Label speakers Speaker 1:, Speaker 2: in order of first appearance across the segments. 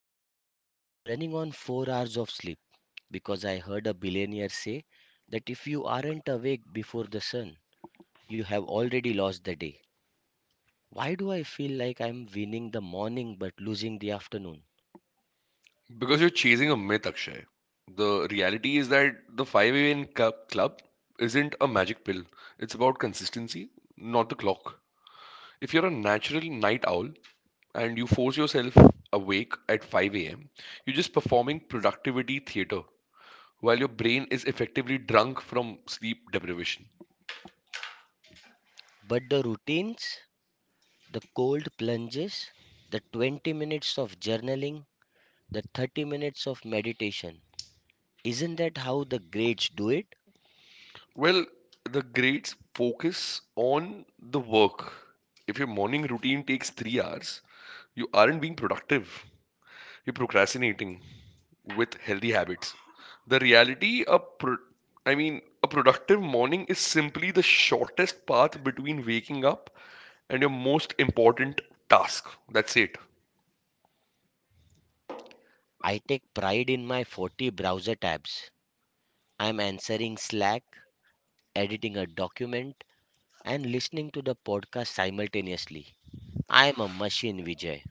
Speaker 1: Vijay, I'm running on 4 hours of sleep because I heard a billionaire say that if you aren't awake before the sun, you have already lost the day. Why do I feel like I'm winning the morning but losing the afternoon?
Speaker 2: Because you're chasing a myth, Akshay. The reality is that the 5 a.m. Club isn't a magic pill. It's about consistency, not the clock. If you're a natural night owl and you force yourself awake at 5 a.m., you're just performing productivity theater while your brain is effectively drunk from sleep deprivation.
Speaker 1: But the routines, the cold plunges, the 20 minutes of journaling, the 30 minutes of meditation, isn't that how the greats do it?
Speaker 2: Well, the greats focus on the work. If your morning routine takes 3 hours, you aren't being productive. You're procrastinating with healthy habits. The reality, a productive morning is simply the shortest path between waking up and your most important task. That's it.
Speaker 1: I take pride in my 40 browser tabs. I'm answering Slack, editing a document, and listening to the podcast simultaneously. I am a machine, Vijay.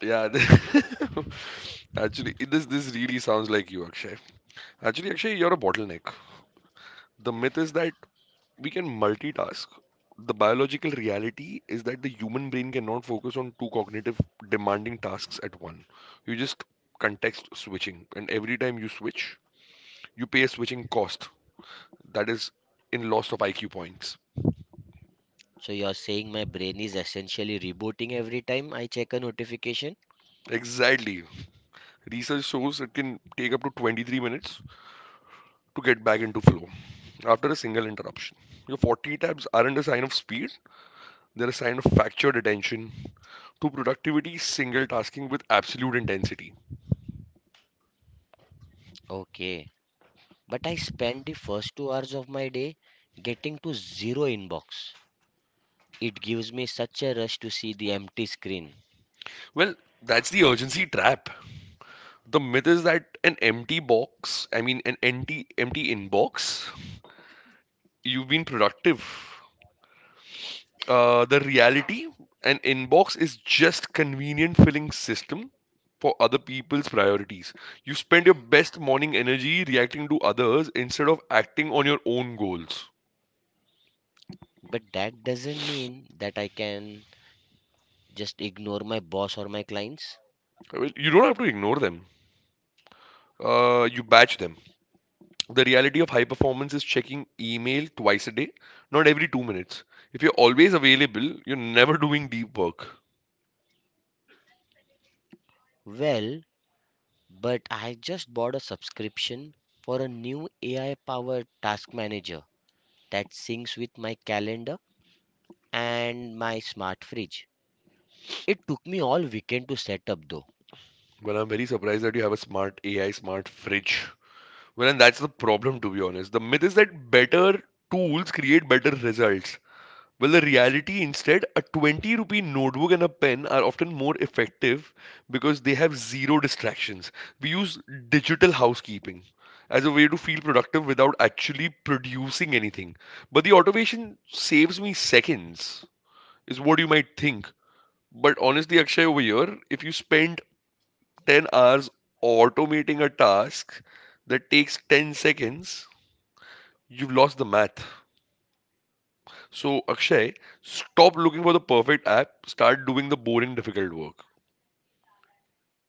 Speaker 2: Yeah. Actually, this really sounds like you, Akshay. Actually, Akshay, you're a bottleneck. The myth is that we can multitask. The biological reality is that the human brain cannot focus on two cognitive demanding tasks at one. You just context switching, and every time you switch, you pay a switching cost that is in loss of IQ points.
Speaker 1: So you're saying my brain is essentially rebooting every time I check a notification?
Speaker 2: Exactly. Research shows it can take up to 23 minutes to get back into flow after a single interruption. Your 40 tabs aren't a sign of speed, they're a sign of factured attention to productivity single tasking with absolute intensity.
Speaker 1: Okay. But I spend the first 2 hours of my day getting to zero inbox. It gives me such a rush to see the empty screen.
Speaker 2: Well, that's the urgency trap. The myth is that an empty box, I mean, an empty inbox, you've been productive. The reality, an inbox is just convenient filling system for other people's priorities. You spend your best morning energy reacting to others instead of acting on your own goals.
Speaker 1: But that doesn't mean that I can just ignore my boss or my clients.
Speaker 2: Well, you don't have to ignore them. You batch them. The reality of high performance is checking email twice a day, not every 2 minutes. If you're always available, you're never doing deep work.
Speaker 1: Well, but I just bought a subscription for a new AI powered task manager that syncs with my calendar and my smart fridge. It took me all weekend to set up, though,
Speaker 2: Well, I'm very surprised that you have a smart AI, smart fridge. Well, and that's the problem, to be honest. The myth is that better tools create better results. Well, the reality instead, a 20 rupee notebook and a pen are often more effective because they have zero distractions. We use digital housekeeping as a way to feel productive without actually producing anything. But the automation saves me seconds, is what you might think. But honestly, Akshay, over here, if you spend 10 hours automating a task that takes 10 seconds, you've lost the math. So, Akshay, stop looking for the perfect app, start doing the boring, difficult work.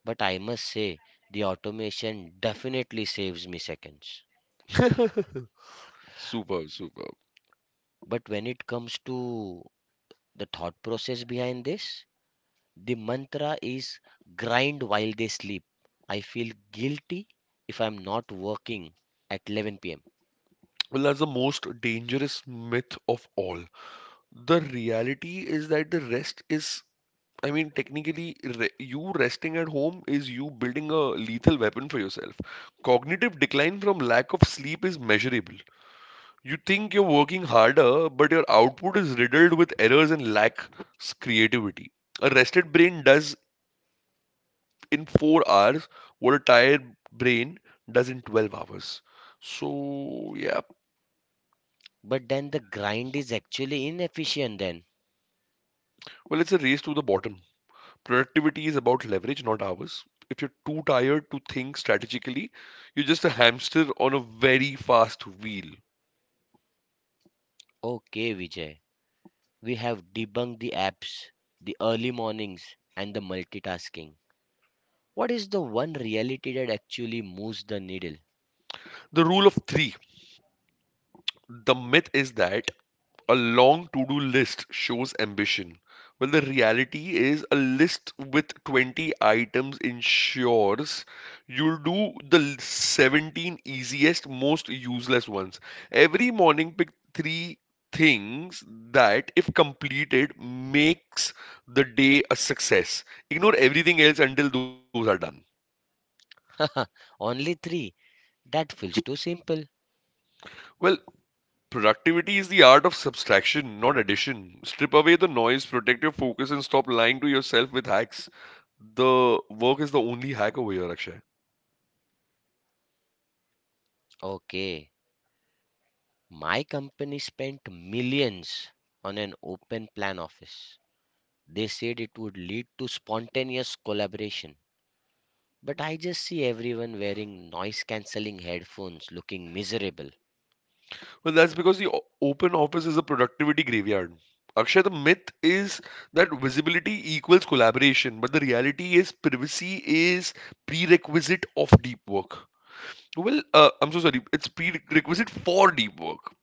Speaker 1: but I must say the automation definitely saves me seconds.
Speaker 2: Superb.
Speaker 1: But when it comes to the thought process behind this, the mantra is grind while they sleep. I feel guilty if I'm not working at 11 pm.
Speaker 2: Well, that's the most dangerous myth of all. The reality is that the rest is, I mean, technically, re you resting at home is you building a lethal weapon for yourself. Cognitive decline from lack of sleep is measurable. You think you're working harder, but your output is riddled with errors and lacks creativity. A rested brain does in 4 hours what a tired brain does in 12 hours. So, yeah,
Speaker 1: But then the grind is actually inefficient then.
Speaker 2: well, it's a race to the bottom. Productivity is about leverage, not hours. If you're too tired to think strategically, you're just a hamster on a very fast wheel.
Speaker 1: Okay, Vijay. We have debunked the apps, the early mornings, and the multitasking. What is the one reality that actually moves the needle?
Speaker 2: The rule of three. The myth is that a long to do list shows ambition. Well, the reality is a list with 20 items ensures you'll do the 17 easiest, most useless ones. Every morning, pick three things that, if completed, makes the day a success. Ignore everything else until those are done.
Speaker 1: Only three. That feels too simple.
Speaker 2: Well, productivity is the art of subtraction, not addition. Strip away the noise, protect your focus, and stop lying to yourself with hacks. The work is the only hack over here, Akshay.
Speaker 1: Okay. My company spent millions on an open plan office. They said it would lead to spontaneous collaboration. But I just see everyone wearing noise cancelling headphones looking miserable.
Speaker 2: Well, that's because the open office is a productivity graveyard. Akshay, the myth is that visibility equals collaboration, but the reality is privacy is prerequisite of deep work. Well, I'm so sorry. It's prerequisite for deep work.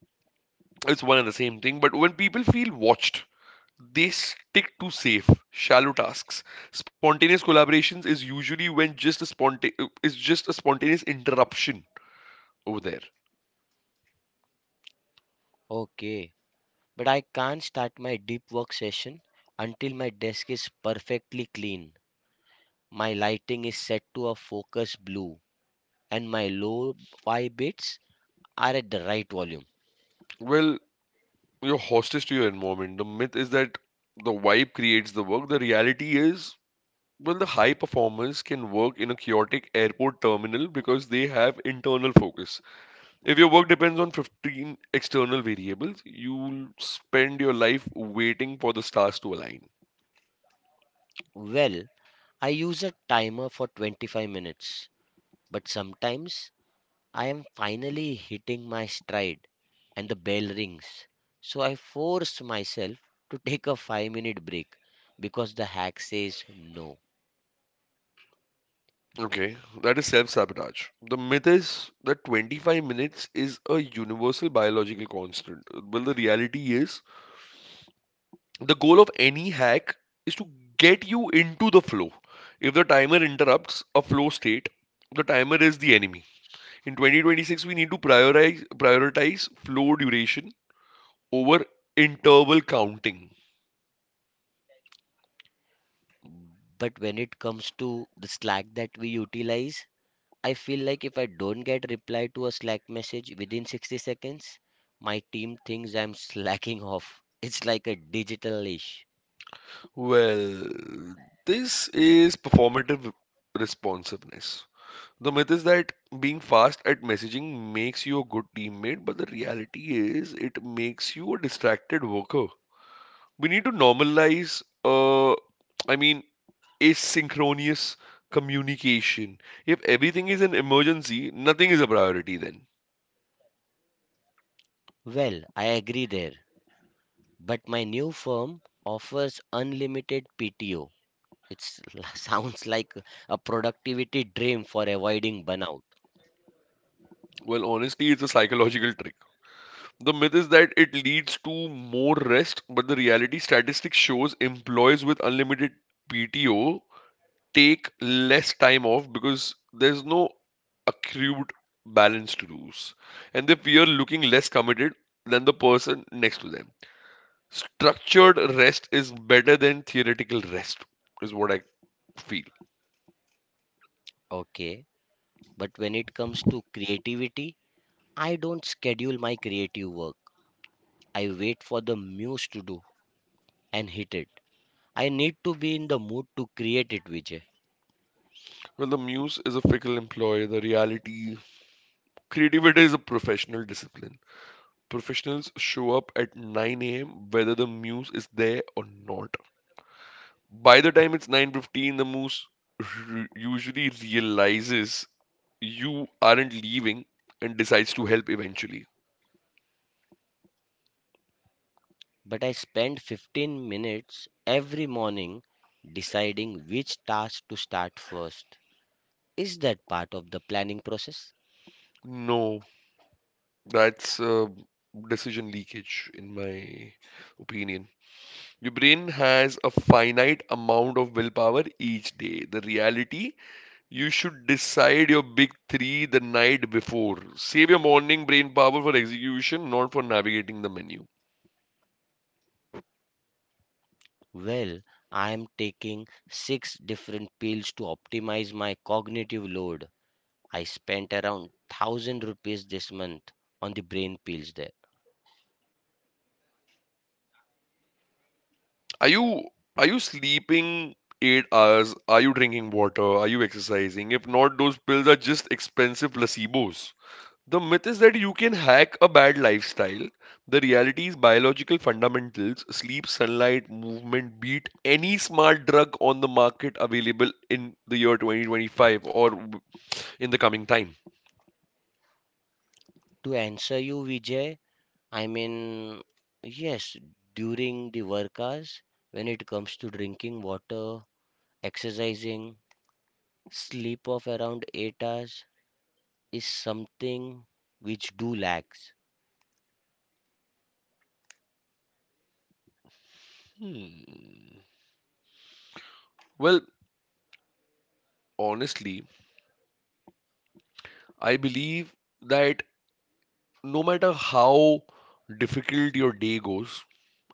Speaker 2: It's one and the same thing. But when people feel watched, they stick to safe, shallow tasks. Spontaneous collaborations is usually when is just a spontaneous interruption over there.
Speaker 1: Okay, but I can't start my deep work session until my desk is perfectly clean, my lighting is set to a focused blue, and my low fi bits are at the right volume.
Speaker 2: Well, you're hostage to your environment. The myth is that the vibe creates the work. The reality is, well, the high performers can work in a chaotic airport terminal because they have internal focus. If your work depends on 15 external variables, you'll spend your life waiting for the stars to align.
Speaker 1: Well, I use a timer for 25 minutes, but sometimes I am finally hitting my stride and the bell rings. So I force myself to take a 5-minute break because the hack says no.
Speaker 2: Okay, that is self sabotage. The myth is that 25 minutes is a universal biological constant. Well, the reality is the goal of any hack is to get you into the flow. If the timer interrupts a flow state, the timer is the enemy. In 2026, we need to prioritize flow duration over interval counting.
Speaker 1: But when it comes to the Slack that we utilize, I feel like if I don't get reply to a Slack message within 60 seconds, my team thinks I'm slacking off. It's like a digital leash.
Speaker 2: Well, this is performative responsiveness. The myth is that being fast at messaging makes you a good teammate, but the reality is it makes you a distracted worker. We need to I mean, asynchronous communication. If everything is an emergency, nothing is a priority then.
Speaker 1: Well, I agree there, but my new firm offers unlimited PTO. It sounds like a productivity dream for avoiding burnout.
Speaker 2: Well, honestly, it's a psychological trick. The myth is that it leads to more rest, but the reality statistics shows employees with unlimited PTO take less time off because there's no accrued balance to lose. And they fear looking less committed than the person next to them. Structured rest is better than theoretical rest, is what I feel.
Speaker 1: Okay, but when it comes to creativity, I don't schedule my creative work. I wait for the muse to do and hit it. I need to be in the mood to create it, Vijay.
Speaker 2: Well, the muse is a fickle employee, the reality. Creativity is a professional discipline. Professionals show up at 9 a.m. whether the muse is there or not. By the time it's 9:15, the moose usually realizes you aren't leaving and decides to help eventually.
Speaker 1: But I spend 15 minutes every morning deciding which task to start first. Is that part of the planning process?
Speaker 2: No, that's decision leakage, in my opinion. Your brain has a finite amount of willpower each day. The reality, you should decide your big three the night before. Save your morning brain power for execution, not for navigating the menu.
Speaker 1: Well, I am taking six different pills to optimize my cognitive load. I spent around 1000 rupees this month on the brain pills there.
Speaker 2: Are you are you sleeping 8 hours? Are you drinking water? Are you exercising? If not, those pills are just expensive placebos. The myth is that you can hack a bad lifestyle. The reality is biological fundamentals, sleep, sunlight, movement beat any smart drug on the market available in the year 2025 in the coming time.
Speaker 1: To answer you, Vijay, I mean, yes, during the work hours, when it comes to drinking water, exercising, sleep of around 8 hours is something which do lacks.
Speaker 2: Hmm. Well, honestly, I believe that no matter how difficult your day goes,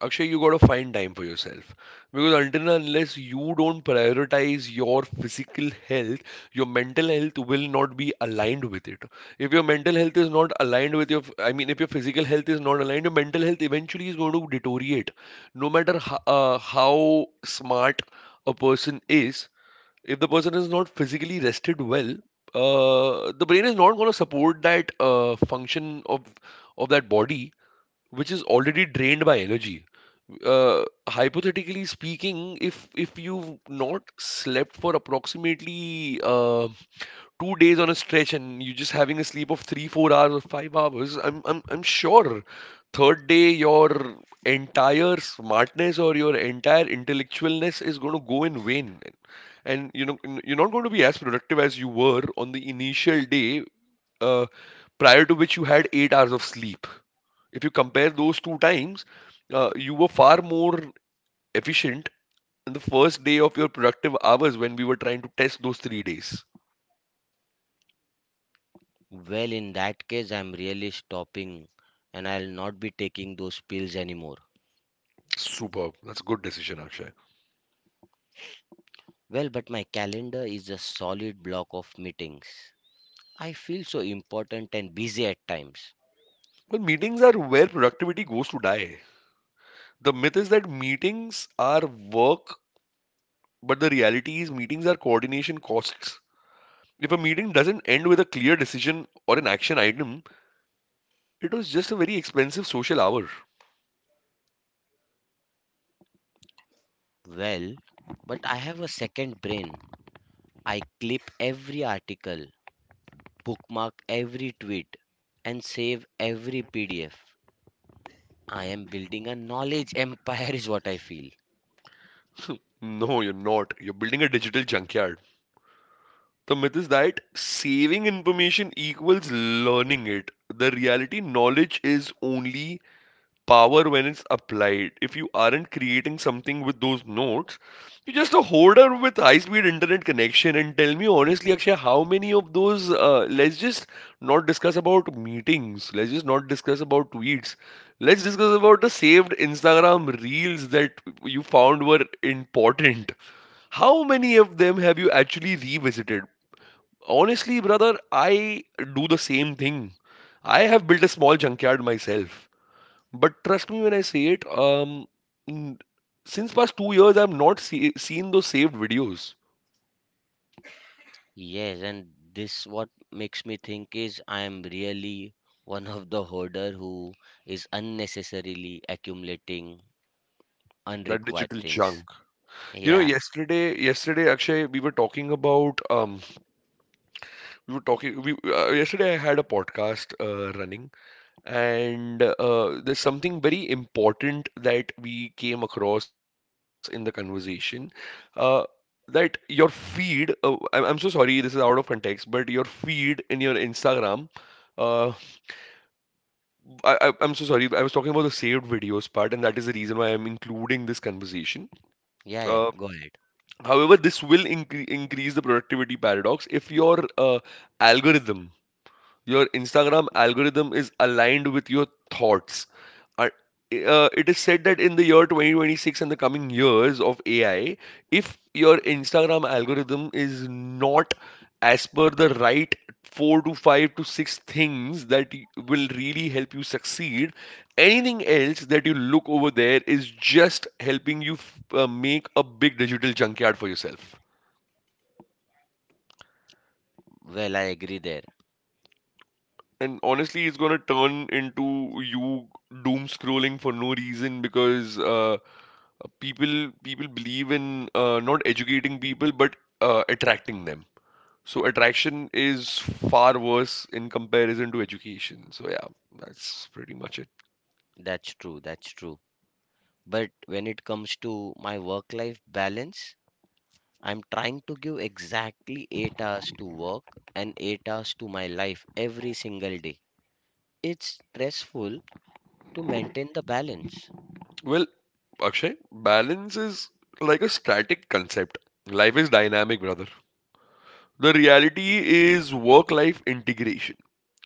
Speaker 2: Akshay, you gotta find time for yourself. Because until and unless you don't prioritize your physical health, your mental health will not be aligned with it. If your mental health is not aligned with your, I mean, if your physical health is not aligned, your mental health eventually is going to deteriorate. No matter how smart a person is, if the person is not physically rested well, the brain is not going to support that function of that body, which is already drained by energy. Uh, hypothetically speaking, if you've not slept for approximately 2 days on a stretch and you're just having a sleep of three, 4 hours or 5 hours, I'm sure third day your entire smartness or your entire intellectualness is going to go in vain and you're not going to be as productive as you were on the initial day uh, prior to which you had 8 hours of sleep. If you compare those two times, you were far more efficient in the first day of your productive hours when we were trying to test those 3 days.
Speaker 1: Well, in that case, I'm really stopping and I'll not be taking those pills anymore.
Speaker 2: Superb. That's a good decision, Akshay.
Speaker 1: Well, but my calendar is a solid block of meetings. I feel so important and busy at times.
Speaker 2: Well, meetings are where productivity goes to die. The myth is that meetings are work, but the reality is meetings are coordination costs. If a meeting doesn't end with a clear decision or an action item, it was just a very expensive social hour.
Speaker 1: Well, but I have a second brain. I clip every article, bookmark every tweet, and save every PDF. I am building a knowledge empire, is what I feel.
Speaker 2: No, you're not. You're building a digital junkyard. The myth is that saving information equals learning it. The reality, knowledge is only power when it's applied. If you aren't creating something with those nodes, you're just a holder with high speed internet connection. And tell me honestly, Akshay, how many of those, let's just not discuss about meetings, let's just not discuss about tweets, let's discuss about the saved Instagram reels that you found were important. How many of them have you actually revisited? Honestly, brother, I do the same thing. I have built a small junkyard myself. But trust me when I say it, n- since past 2 years, I've not seen those saved videos,
Speaker 1: Yes, and this what makes me think is I am really one of the hoarder who is unnecessarily accumulating
Speaker 2: that
Speaker 1: unrequired
Speaker 2: digital
Speaker 1: things.
Speaker 2: junk. You know,
Speaker 1: Yeah,
Speaker 2: yesterday, Akshay, we were talking about, we were talking, we, yesterday I had a podcast running, and there's something very important that we came across in the conversation, uh, that your feed, I'm so sorry, this is out of context, but your feed in your Instagram. uh, I'm so sorry. I was talking about the saved videos part, and that is the reason why I'm including this conversation.
Speaker 1: yeah, yeah.
Speaker 2: Uh,
Speaker 1: Go ahead.
Speaker 2: however, this will increase the productivity paradox if your algorithm, your Instagram algorithm, is aligned with your thoughts. I- it is said that in the year 2026 and the coming years of AI, if your Instagram algorithm is not as per the right four to five to six things that will really help you succeed, anything else that you look over there is just helping you make a big digital junkyard for yourself.
Speaker 1: Well, I agree there.
Speaker 2: And honestly, it's going to turn into you doom scrolling for no reason because people believe in not educating people but attracting them. So attraction is far worse in comparison to education. So yeah, that's pretty much it.
Speaker 1: That's true. That's true. But when it comes to my work life balance, I'm trying to give exactly 8 hours to work and 8 hours to my life every single day. It's stressful to maintain the balance.
Speaker 2: Well, Akshay, balance is like a static concept. Life is dynamic, brother. The reality is work life integration.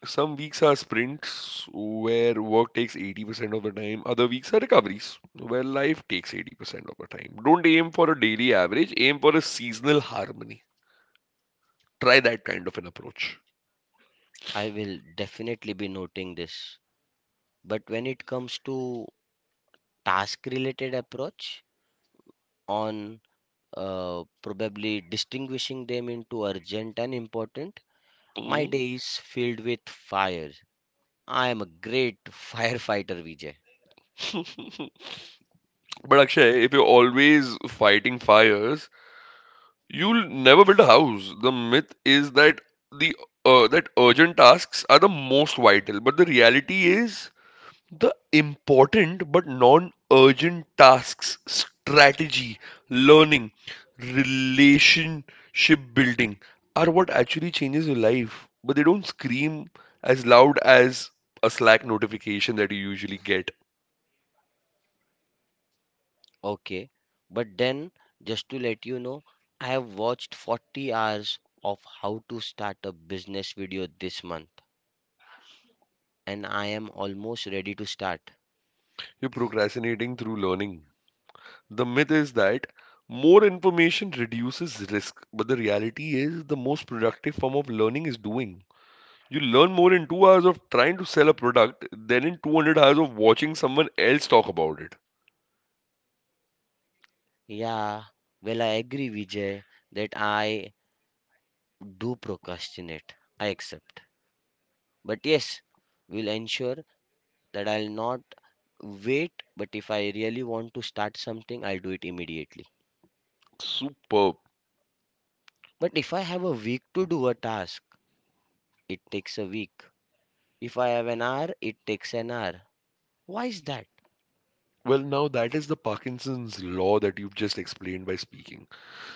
Speaker 2: Some weeks are sprints where work takes 80% of the time, other weeks are recoveries where life takes 80% of the time. Don't aim for a daily average, aim for a seasonal harmony. Try that kind of an approach.
Speaker 1: I will definitely be noting this. But when it comes to task related approach on probably distinguishing them into urgent and important, my
Speaker 2: Mm.
Speaker 1: day is filled with fires. I am a great firefighter, Vijay.
Speaker 2: But Akshay, if you're always fighting fires, you'll never build a house. The myth is that the that urgent tasks are the most vital, but the reality is the important but non urgent tasks, strategy, learning, relationship building are what actually changes your life, but they don't scream as loud as a Slack notification that you usually get.
Speaker 1: Okay, but then just to let you know, I have watched 40 hours of how to start a business video this month, and I am almost ready to start.
Speaker 2: You're procrastinating through learning. The myth is that more information reduces risk, but the reality is the most productive form of learning is doing. You learn more in 2 hours of trying to sell a product than in 200 hours of watching someone else talk about it.
Speaker 1: Yeah, well, I agree, Vijay, that I do procrastinate. I accept. But yes, we'll ensure that I'll not wait, but if I really want to start something, I'll do it immediately.
Speaker 2: Superb.
Speaker 1: But if I have a week to do a task, it takes a week. If I have an hour, it takes an hour. Why is that?
Speaker 2: Well, now that is the Parkinson's law that you've just explained by speaking.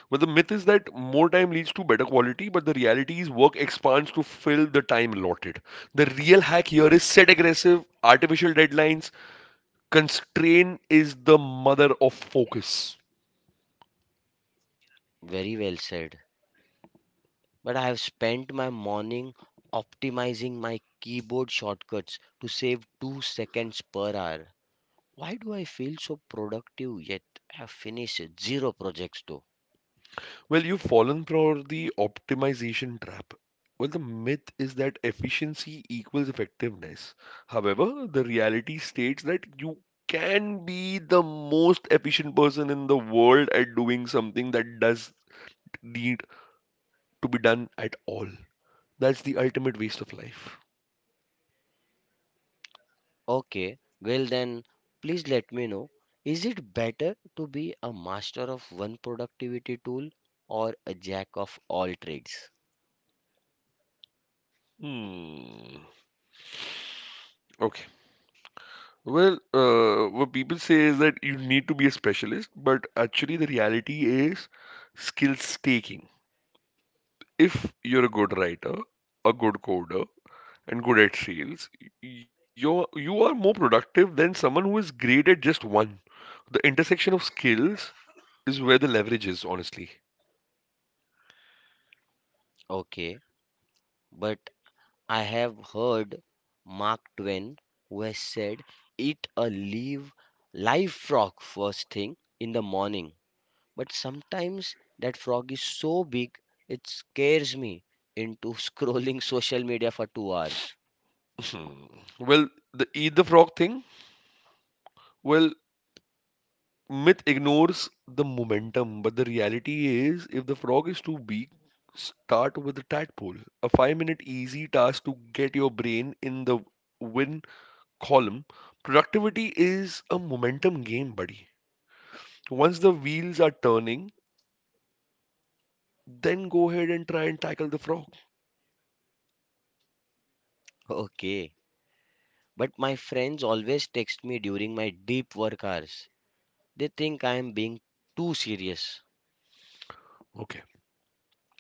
Speaker 2: But the myth is that more time leads to better quality, but the reality is work expands to fill the time allotted. The real hack here is set aggressive, artificial deadlines. Constraint is the mother of focus.
Speaker 1: Very well said. But I have spent my morning optimizing my keyboard shortcuts to save 2 seconds per hour. Why do I feel so productive yet have finished zero projects though?
Speaker 2: Well, you've fallen for the optimization trap. Well, the myth is that efficiency equals effectiveness. However, the reality states that you can be the most efficient person in the world at doing something that does need to be done at all. That's the ultimate waste of life.
Speaker 1: Okay, well then, please let me know. Is it better to be a master of one productivity tool or a jack of all trades?
Speaker 2: Hmm. Okay. Well, what people say is that you need to be a specialist, but actually, the reality is skill staking. If you're a good writer, a good coder, and good at sales, you are more productive than someone who is great at just one. The intersection of skills is where the leverage is, honestly.
Speaker 1: Okay, but I have heard Mark Twain, who has said, "Eat a live, live frog first thing in the morning." But sometimes that frog is so big it scares me into scrolling social media for 2 hours.
Speaker 2: Hmm. Well, the eat the frog thing, well, myth ignores the momentum, but the reality is if the frog is too big, start with a tadpole. A 5 minute easy task to get your brain in the win column, productivity is a momentum game, buddy. Once the wheels are turning, then go ahead and try and tackle the frog.
Speaker 1: Okay. But my friends always text me during my deep work hours. They think I am being too serious.
Speaker 2: Okay.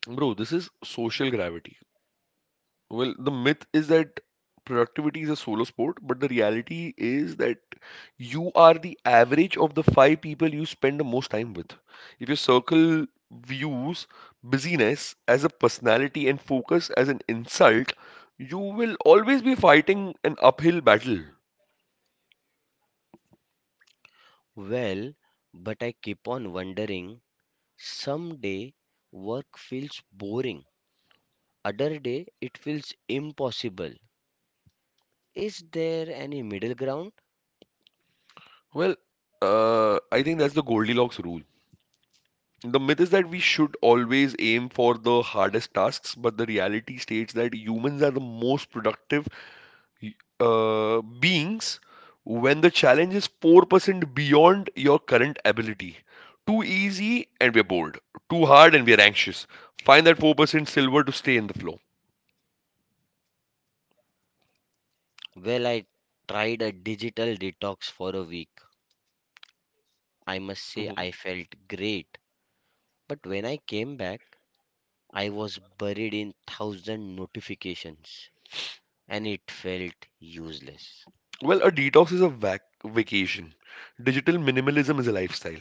Speaker 2: Bro, this is social gravity. Well, the myth is that productivity is a solo sport, but the reality is that you are the average of the five people you spend the most time with. If your circle views busyness as a personality and focus as an insult, you will always be fighting an uphill battle.
Speaker 1: Well, but I keep on wondering, someday work feels boring, other day it feels impossible. Is there any middle ground?
Speaker 2: Well, I think that's the Goldilocks rule. The myth is that we should always aim for the hardest tasks, but the reality states that humans are the most productive beings when the challenge is 4% beyond your current ability. Too easy and we're bored. Too hard and we're anxious. Find that 4% silver to stay in the flow.
Speaker 1: Well, I tried a digital detox for a week. I must say
Speaker 2: Mhm.
Speaker 1: I felt great. But when I came back, I was buried in thousand notifications and it felt useless.
Speaker 2: Well, a detox is a vacation. Digital minimalism is a lifestyle.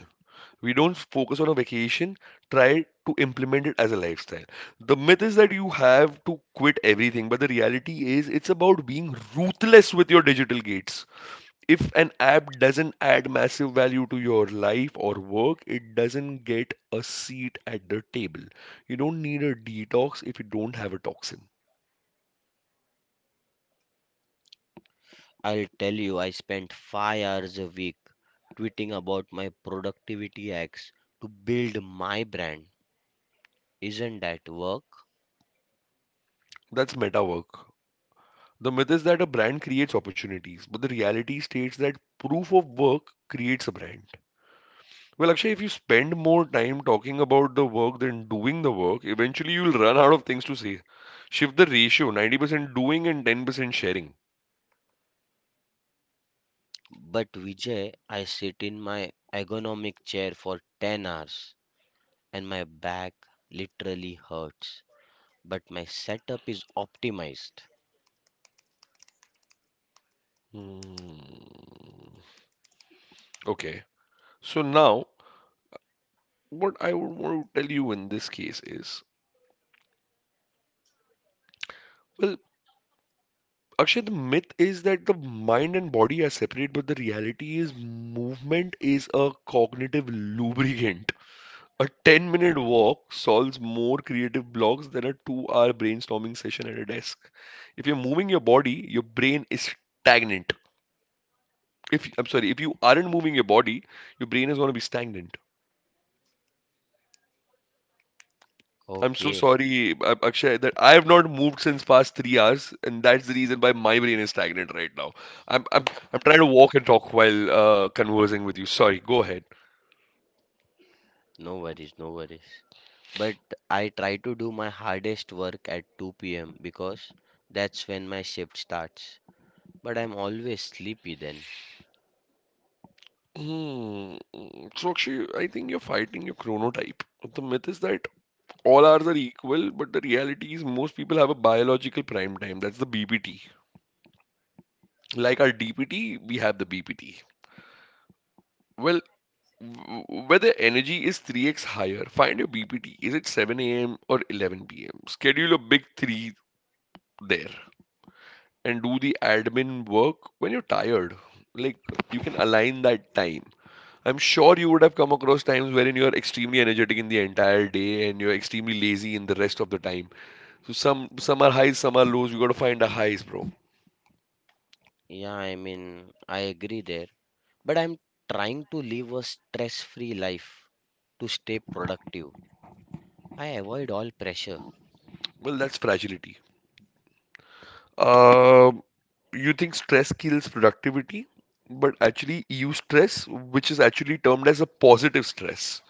Speaker 2: We don't focus on a vacation, try to implement it as a lifestyle. The myth is that you have to quit everything, but the reality is it's about being ruthless with your digital gates. If an app doesn't add massive value to your life or work, it doesn't get a seat at the table. You don't need a detox if you don't have a toxin.
Speaker 1: I'll tell you, I spent 5 hours a week tweeting about my productivity hacks to build my brand. Isn't that work?
Speaker 2: That's meta work. The myth is that a brand creates opportunities, but the reality states that proof of work creates a brand. Well, Akshay, if you spend more time talking about the work than doing the work, eventually you'll run out of things to say. Shift the ratio 90% doing and 10% sharing.
Speaker 1: But Vijay, I sit in my ergonomic chair for 10 hours and my back literally hurts. But my setup is optimized.
Speaker 2: Hmm. Okay. So now, what I would want to tell you in this case is, well, Akshay, the myth is that the mind and body are separate, but the reality is movement is a cognitive lubricant. A 10-minute walk solves more creative blocks than a 2-hour brainstorming session at a desk. If you're moving your body, your brain is stagnant. If I'm sorry, if you aren't moving your body, your brain is going to be stagnant. I'm so
Speaker 1: Okay,
Speaker 2: sorry, Akshay, that I have not moved since past 3 hours, and that's the reason why my brain is stagnant right now. I'm I'm I'm trying to walk and talk while conversing with you. Sorry, go ahead.
Speaker 1: no worries, no worries. But I try to do my hardest work at 2 p.m. because that's when my shift starts. But I'm always sleepy then.
Speaker 2: Hmm. So, Akshay, I think you're fighting your chronotype. The myth is that all hours are equal, but the reality is most people have a biological prime time. That's the BPT. Like our DPT, we have the BPT. Well, whether energy is 3x higher, find your BPT. Is it 7 a.m. or 11 p.m.? Schedule a big three there and do the admin work when you're tired. Like, you can align that time. I'm sure you would have come across times wherein you're extremely energetic in the entire day and you're extremely lazy in the rest of the time. So some are highs, some are lows. You got to find a highs, bro.
Speaker 1: Yeah, I mean, I agree there. But I'm trying to live a stress free life to stay productive. I avoid all pressure.
Speaker 2: Well, that's fragility. Um, you think stress kills productivity, but actually, EU stress, which is actually termed as a positive stress,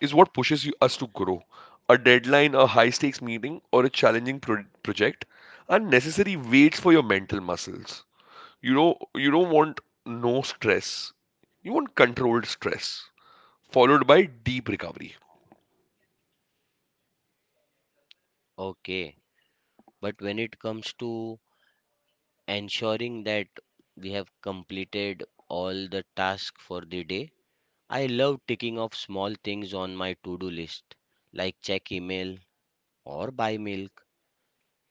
Speaker 2: is what pushes us to grow. A deadline, a high stakes meeting, or a challenging project are necessary weights for your mental muscles. You know, you don't want no stress. You want controlled stress, followed by deep recovery.
Speaker 1: Okay, but when it comes to ensuring that we have completed all the tasks for the day, I love ticking off small things on my to do list, like check email or buy milk.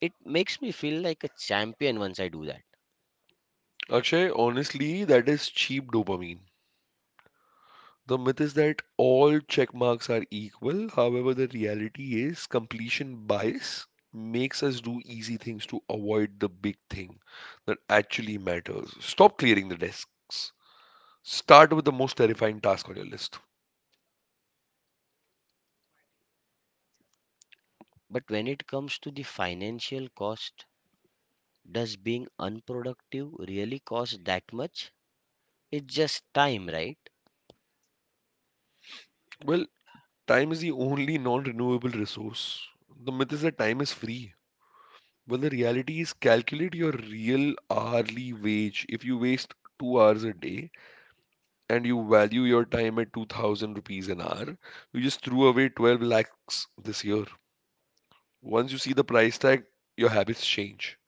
Speaker 1: It makes me feel like a champion once I do that.
Speaker 2: Akshay, honestly, that is cheap dopamine. The myth is that all check marks are equal. However, the reality is completion bias makes us do easy things to avoid the big thing that actually matters. Stop clearing the desks. Start with the most terrifying task on your list.
Speaker 1: But when it comes to the financial cost, does being unproductive really cost that much? It's just time, right?
Speaker 2: Well, time is the only non renewable resource. The myth is that time is free. Well, the reality is calculate your real hourly wage. If you waste 2 hours a day and you value your time at 2000 rupees an hour, you just threw away 12 lakhs this year. Once you see the price tag, your habits change.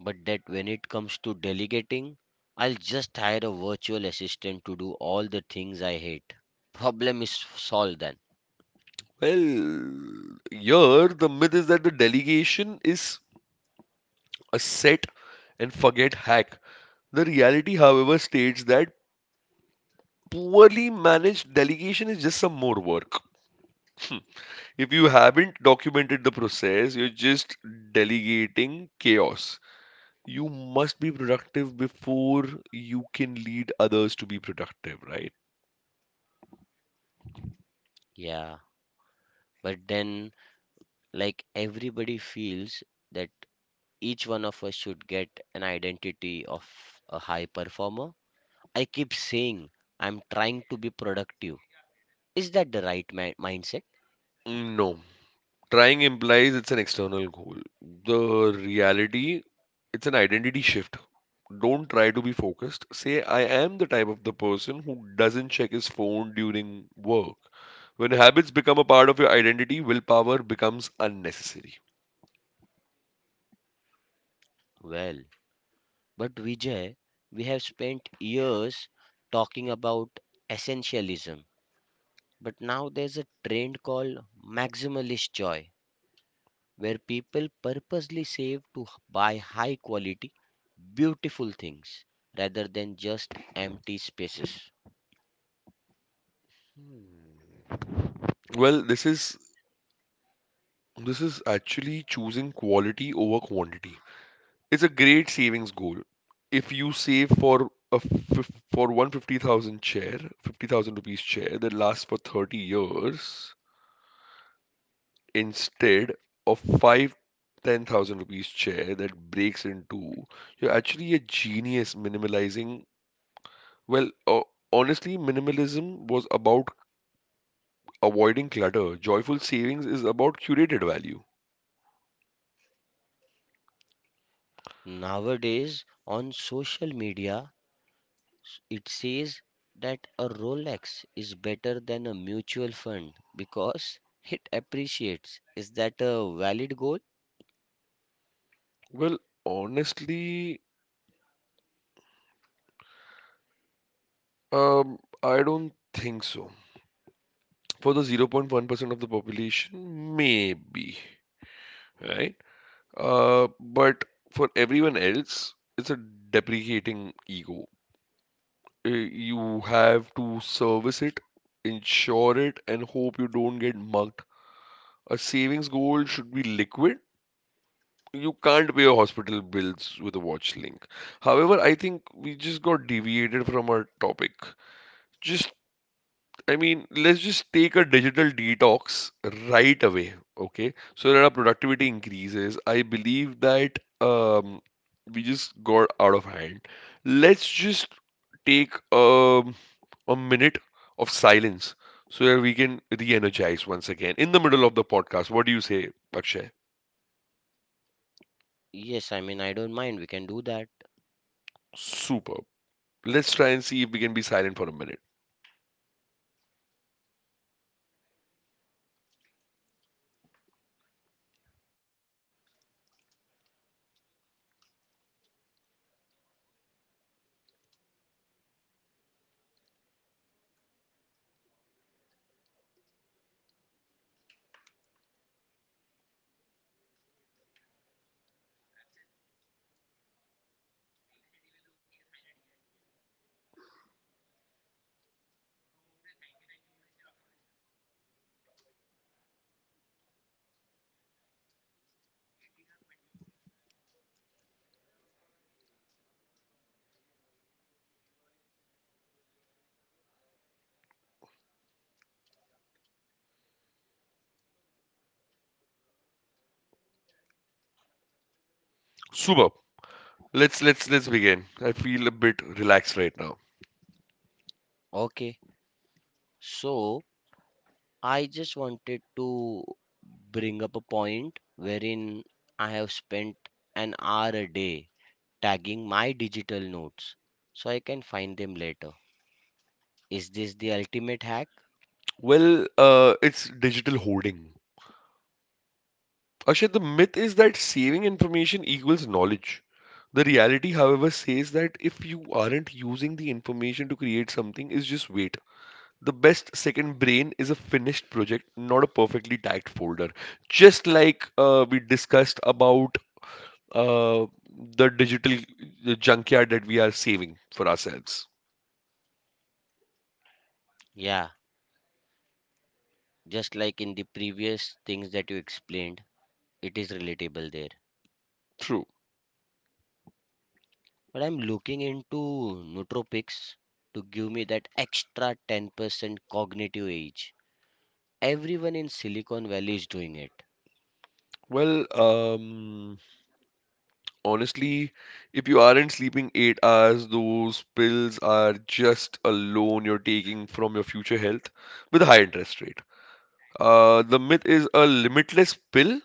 Speaker 1: But that when it comes to delegating, I'll just hire a virtual assistant to do all the things I hate. Problem is solved then.
Speaker 2: Well, here the myth is that the delegation is a set and forget hack. The reality, however, states that poorly managed delegation is just some more work. If you haven't documented the process, you're just delegating chaos. You must be productive before you can lead others to be productive, right?
Speaker 1: Yeah, but then, like, everybody feels that each one of us should get an identity of a high performer. I keep saying I'm trying to be productive. Is that the right mindset?
Speaker 2: No. Trying implies it's an external goal. The reality, it's an identity shift. Don't try to be focused. Say, I am the type of the person who doesn't check his phone during work. When habits become a part of your identity, willpower becomes unnecessary.
Speaker 1: Well, but Vijay, we have spent years talking about essentialism. But now there's a trend called maximalist joy, where people purposely save to buy high quality, beautiful things rather than just empty spaces.
Speaker 2: Hmm. Well, this is actually choosing quality over quantity. It's a great savings goal. If you save for 1,50,000 chair, 50,000 rupees chair that lasts for 30 years, instead of five ten thousand rupees chair that breaks in two, you're actually a genius minimalizing. Well, honestly, minimalism was about avoiding clutter. Joyful savings is about curated value.
Speaker 1: Nowadays, on social media, it says that a Rolex is better than a mutual fund because it appreciates. Is that a valid goal?
Speaker 2: Well, honestly, I don't think so. For the 0.1% of the population, maybe, right? But for everyone else, it's a deprecating ego. You have to service it, insure it, and hope you don't get mugged. A savings goal should be liquid. You can't pay your hospital bills with a watch link. However, I think we just got deviated from our topic. Just I mean, let's just take a digital detox right away, okay? So that our productivity increases. I believe that we just got out of hand. Let's just take a minute of silence so that we can re-energize once again in the middle of the podcast. What do you say, Akshay?
Speaker 1: Yes, I mean, I don't mind. We can do that.
Speaker 2: Superb. Let's try and see if we can be silent for a minute. Superb. Let's begin. I feel a bit relaxed right now.
Speaker 1: Okay. So, I just wanted to bring up a point wherein I have spent an hour a day tagging my digital notes so I can find them later. Is this the ultimate hack?
Speaker 2: Well, it's digital hoarding. Akshay, the myth is that saving information equals knowledge. The reality, however, says that if you aren't using the information to create something, is just wait. The best second brain is a finished project, not a perfectly tagged folder. Just like we discussed about uh, the digital junkyard that we are saving for ourselves.
Speaker 1: Yeah, just like in the previous things that you explained, it is relatable there.
Speaker 2: True.
Speaker 1: But I'm looking into nootropics to give me that extra 10% cognitive age. Everyone in Silicon Valley is doing it.
Speaker 2: Well, honestly, if you aren't sleeping 8 hours, those pills are just a loan you're taking from your future health with a high interest rate. The myth is a limitless pill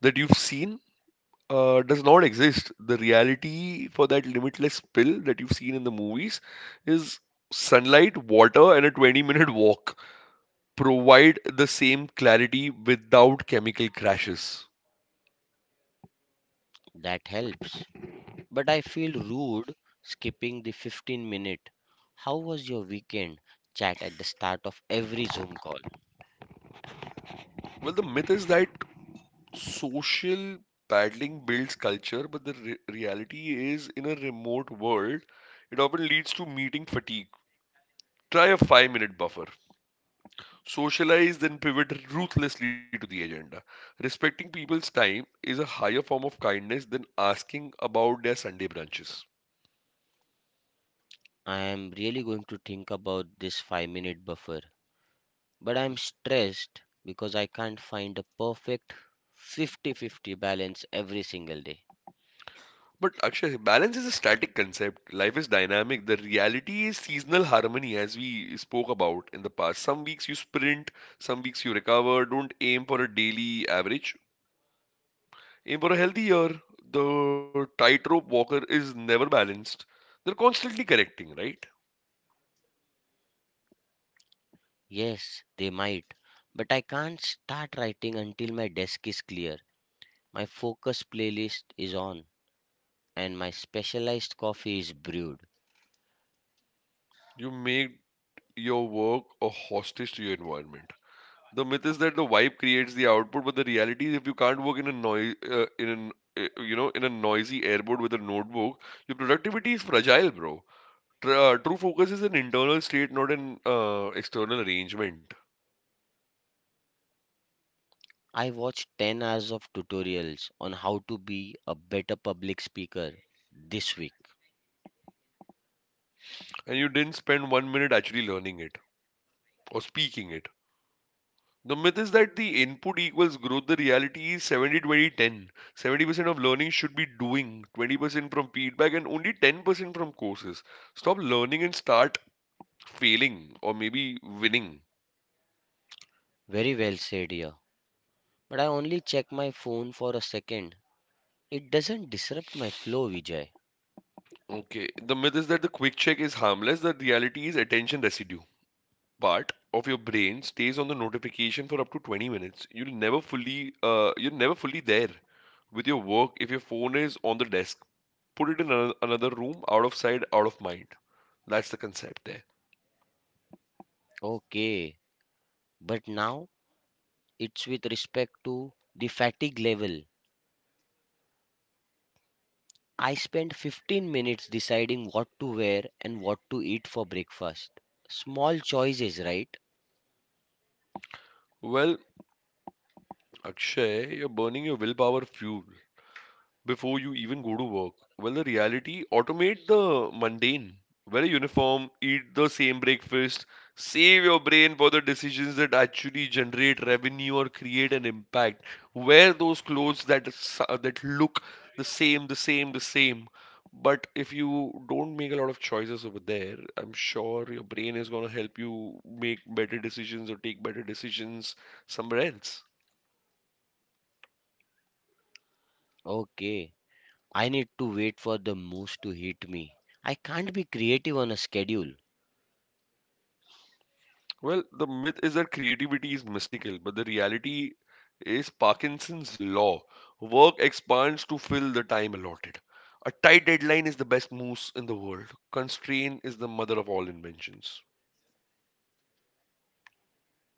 Speaker 2: that you've seen does not exist. The reality for that limitless pill that you've seen in the movies is sunlight, water, and a 20-minute walk provide the same clarity without chemical crashes.
Speaker 1: That helps. But I feel rude skipping the 15 minute, "How was your weekend?" chat at the start of every Zoom call.
Speaker 2: Well, the myth is that social paddling builds culture, but the reality is, in a remote world, it often leads to meeting fatigue. Try a 5 minute buffer. Socialize, then pivot ruthlessly to the agenda. Respecting people's time is a higher form of kindness than asking about their Sunday brunches.
Speaker 1: I am really going to think about this 5-minute buffer. But I'm stressed because I can't find a perfect 50-50 balance every single day.
Speaker 2: But Akshay, balance is a static concept. Life is dynamic. The reality is seasonal harmony, as we spoke about in the past. Some weeks you sprint, some weeks you recover. Don't aim for a daily average. For a healthy year, the tightrope walker is never balanced. They're constantly correcting, right?
Speaker 1: Yes, they might, but I can't start writing until my desk is clear. My focus playlist is on, and my specialized coffee is brewed.
Speaker 2: You make your work a hostage to your environment. The myth is that the vibe creates the output, but the reality is if you can't work in an you know, in a noisy airport with a notebook, your productivity is fragile, bro. True focus is an internal state, not an external arrangement.
Speaker 1: I watched 10 hours of tutorials on how to be a better public speaker this week.
Speaker 2: And you didn't spend 1 minute actually learning it or speaking it. The myth is that the input equals growth. The reality is 70 20 70% of learning should be doing, 20% from feedback, and only 10% from courses. Stop learning and start failing or maybe winning.
Speaker 1: Very well said here. But I only check my phone for a second. It doesn't disrupt my flow, Vijay.
Speaker 2: Okay, the myth is that the quick check is harmless. The reality is attention residue. Part of your brain stays on the notification for up to 20 minutes. You're never fully there with your work if your phone is on the desk. Put it in another room, out of sight, out of mind. That's the concept there.
Speaker 1: Okay, but now it's with respect to the fatigue level. I spent 15 minutes deciding what to wear and what to eat for breakfast. Small choices, right?
Speaker 2: Well, Akshay, you're burning your willpower fuel before you even go to work. Well, the reality, automate the mundane. Wear a uniform, eat the same breakfast, save your brain for the decisions that actually generate revenue or create an impact. Wear those clothes that that look the same, the same, the same. But if you don't make a lot of choices over there, I'm sure your brain is going to help you make better decisions or take better decisions somewhere else.
Speaker 1: Okay, I need to wait for the moose to hit me. I can't be creative on a schedule.
Speaker 2: Well, the myth is that creativity is mystical, but the reality is Parkinson's law. Work expands to fill the time allotted. A tight deadline is the best moose in the world. Constraint is the mother of all inventions.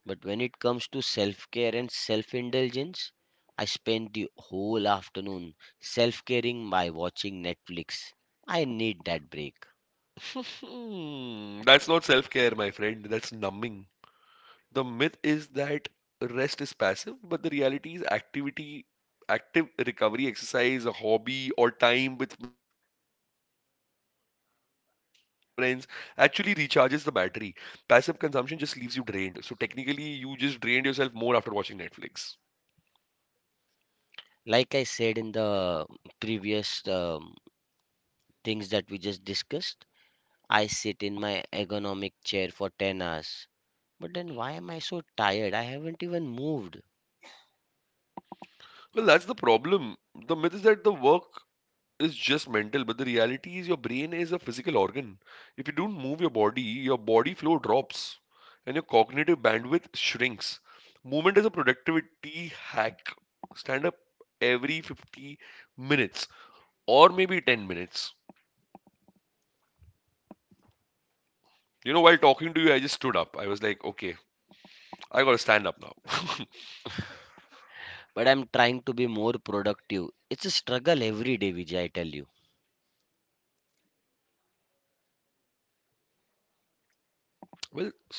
Speaker 1: But when it comes to self care and self indulgence, I spend the whole afternoon self caring by watching Netflix. I need that break.
Speaker 2: That's not self care, my friend. That's numbing. The myth is that rest is passive, but the reality is active recovery, exercise, a hobby, or time with friends actually recharges the battery. Passive consumption just leaves you drained. So technically, you just drained yourself more after watching Netflix.
Speaker 1: Like I said in the previous things that we just discussed, I sit in my ergonomic chair for 10 hours. But then why am I so tired? I haven't even moved.
Speaker 2: Well, that's the problem. The myth is that the work is just mental, but the reality is your brain is a physical organ. If you don't move your body flow drops and your cognitive bandwidth shrinks. Movement is a productivity hack. Stand up every 50 minutes or maybe 10 minutes. While talking to you, I just stood up. I was like, okay, I gotta stand up now.
Speaker 1: But I'm trying to be more productive. It's a struggle every day, Vijay, I tell you.
Speaker 2: Well, stop trying.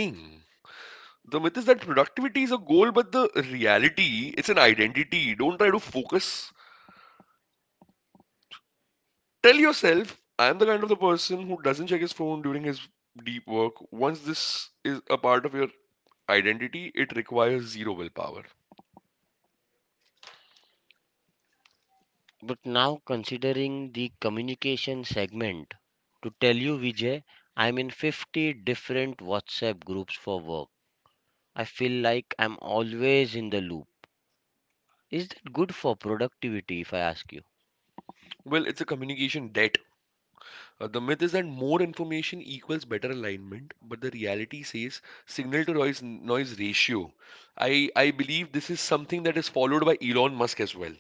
Speaker 2: The myth is that productivity is a goal, but the reality, it's an identity. Don't try to focus. Tell yourself, I am the kind of the person who doesn't check his phone during his deep work. Once this is a part of your identity, it requires zero willpower.
Speaker 1: But now considering the communication segment, to tell you Vijay, I'm in 50 different WhatsApp groups for work. I feel like I'm always in the loop. Is that good for productivity if I ask you?
Speaker 2: Well, it's a communication debt. The myth is that more information equals better alignment, but the reality says signal to noise ratio. I I believe this is something that is followed by Elon Musk as well.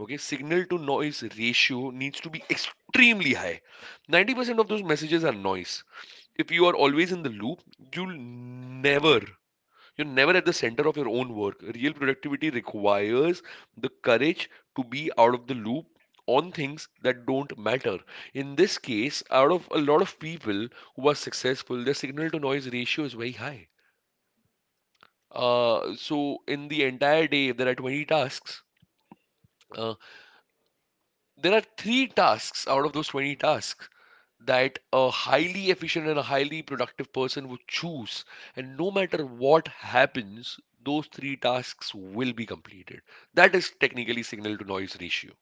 Speaker 2: Okay, signal to noise ratio needs to be extremely high. 90% of those messages are noise. If you are always in the loop, you'll never, you're never at the center of your own work. Real productivity requires the courage to be out of the loop on things that don't matter. In this case, out of a lot of people who are successful, their signal to noise ratio is very high. So in the entire day, if there are 20 tasks, uh, there are three tasks out of those 20 tasks that a highly efficient and a highly productive person would choose, and no matter what happens, those three tasks will be completed. That is technically signal to noise ratio.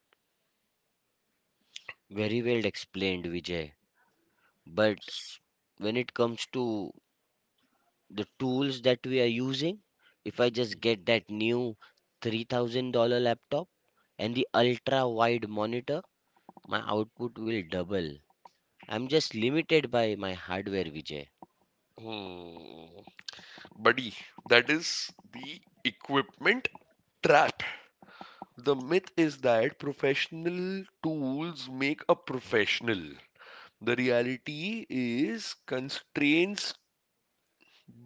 Speaker 1: Very well explained, Vijay. But
Speaker 2: S-
Speaker 1: when it comes to the tools that we are using, if I just get that new $3,000 laptop and the ultra wide monitor, my output will double. I'm just limited by my hardware, Vijay.
Speaker 2: hmm, Buddy, that is the equipment trap. The myth is that professional tools make a professional. The reality is constraints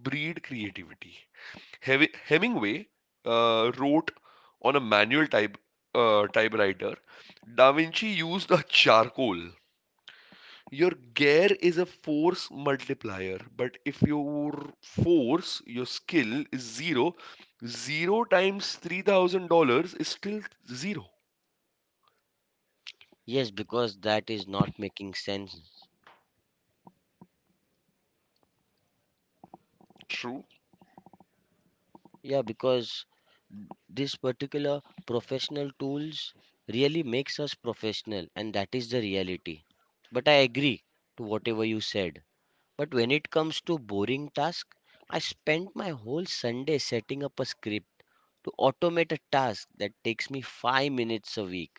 Speaker 2: breed creativity. Hemingway wrote on a manual typewriter. Da Vinci used a charcoal. Your gear is a force multiplier, but if your skill is zero, zero times $3,000 is still zero.
Speaker 1: Yes, because that is not making sense.
Speaker 2: True,
Speaker 1: Yeah, because this particular professional tools really makes us professional, and that is the reality. But I agree to whatever you said. But when it comes to boring task, I spent my whole Sunday setting up a script to automate a task that takes me 5 minutes a week.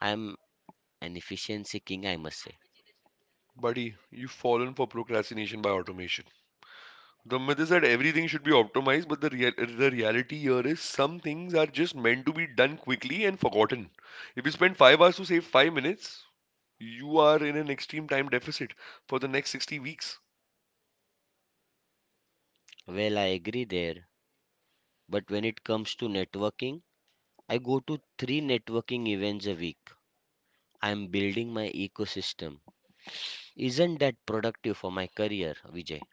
Speaker 1: I am an efficiency king, I must say.
Speaker 2: buddy. You've fallen for procrastination by automation. The myth is that everything should be optimized, but the reality here is some things are just meant to be done quickly and forgotten. If you spend 5 hours to save 5 minutes, you are in an extreme time deficit for the next 60 weeks.
Speaker 1: Well, I agree there. But when it comes to networking, I go to three networking events a week. I'm building my ecosystem. Isn't that productive for my career, Vijay?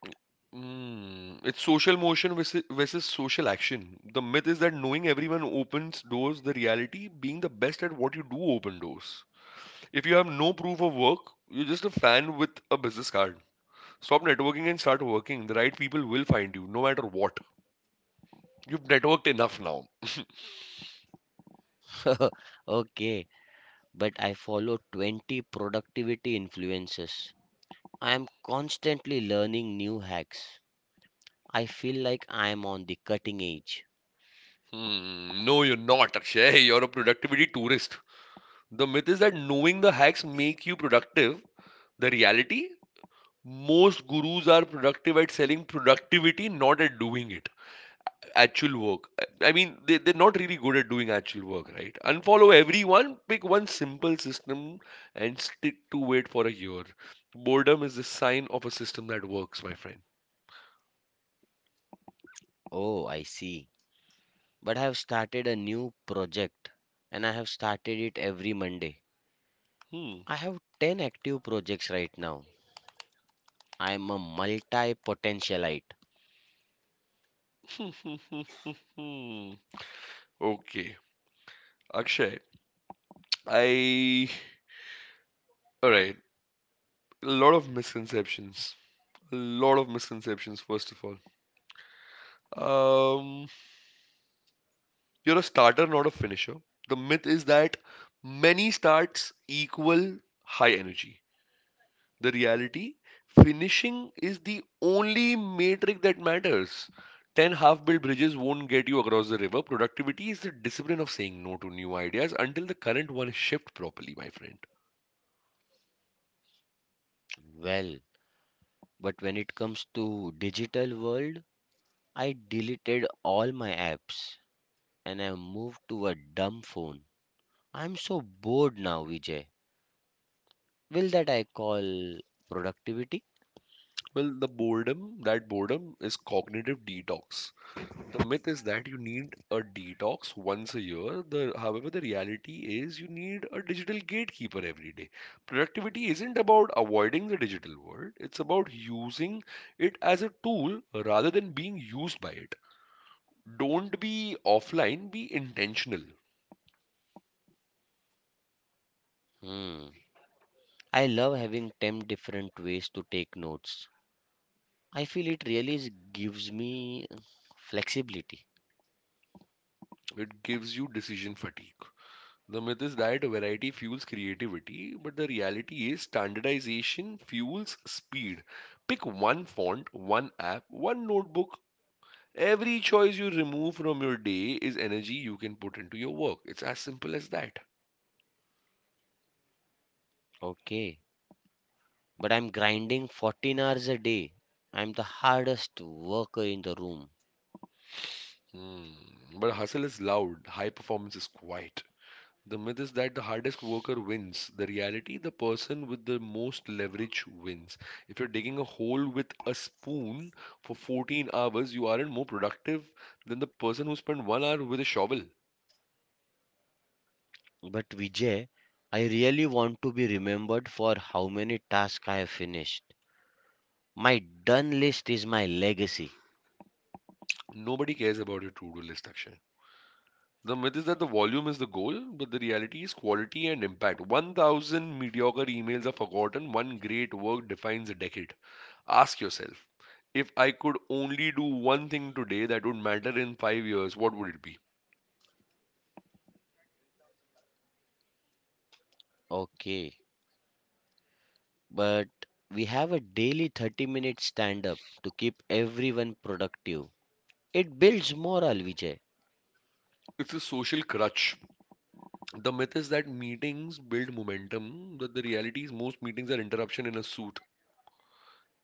Speaker 2: It's social motion versus social action. The myth is that knowing everyone opens doors, the reality being the best at what you do open doors. If you have no proof of work, you're just a fan with a business card. Stop networking and start working. The right people will find you, no matter what. You've networked enough now.
Speaker 1: Okay, but I follow 20 productivity influences. I am constantly learning new hacks. I feel like I am on the cutting edge.
Speaker 2: Hmm, no, you're not, Akshay. You're a productivity tourist. The myth is that knowing the hacks make you productive. The reality, most gurus are productive at selling productivity, not at doing it. Actual work. I mean, they're not really good at doing actual work, right? Unfollow everyone, pick one simple system, and stick to it for a year. Boredom is the sign of a system that works, my friend.
Speaker 1: Oh, I see. But I have started a new project, and I have started it every Monday.
Speaker 2: Hmm.
Speaker 1: I have 10 active projects right now. I am a multi potentialite.
Speaker 2: Okay. Akshay, I all right. A lot of misconceptions. A lot of misconceptions. First of all, um, you're a starter, not a finisher. The myth is that many starts equal high energy. The reality, finishing is the only metric that matters. Ten half-built bridges won't get you across the river. Productivity is the discipline of saying no to new ideas until the current one is shipped properly, my friend.
Speaker 1: Well, but when it comes to digital world, I deleted all my apps and I moved to a dumb phone. I'm so bored now, Vijay. Will that I call productivity?
Speaker 2: Well, that boredom is cognitive detox. The myth is that you need a detox once a year. However, the reality is you need a digital gatekeeper every day. Productivity isn't about avoiding the digital world, it's about using it as a tool rather than being used by it. Don't be offline, be intentional.
Speaker 1: Hmm. I love having 10 different ways to take notes. I feel it gives me flexibility.
Speaker 2: It gives you decision fatigue. The myth is that variety fuels creativity, but the reality is standardization fuels speed. Pick one font, one app, one notebook. Every choice you remove from your day is energy you can put into your work. It's as simple as that.
Speaker 1: Okay. But I'm grinding 14 hours a day. I'm the hardest worker in the room.
Speaker 2: Hmm. But hustle is loud, high performance is quiet. The myth is that the hardest worker wins. The reality, the person with the most leverage wins. If you're digging a hole with a spoon for 14 hours, you aren't more productive than the person who spent 1 hour with a shovel.
Speaker 1: But Vijay, I really want to be remembered for how many tasks I have finished. My done list is my legacy.
Speaker 2: Nobody cares about your to do list, Akshay. The myth is that the volume is the goal, but the reality is quality and impact. 1,000 mediocre emails are forgotten, one great work defines a decade. Ask yourself, if I could only do one thing today that would matter in 5 years, what would it be?
Speaker 1: Okay, but we have a daily 30-minute stand up to keep everyone productive. It builds morale, Vijay.
Speaker 2: It's a social crutch. The myth is that meetings build momentum, but the reality is most meetings are interruption in a suit.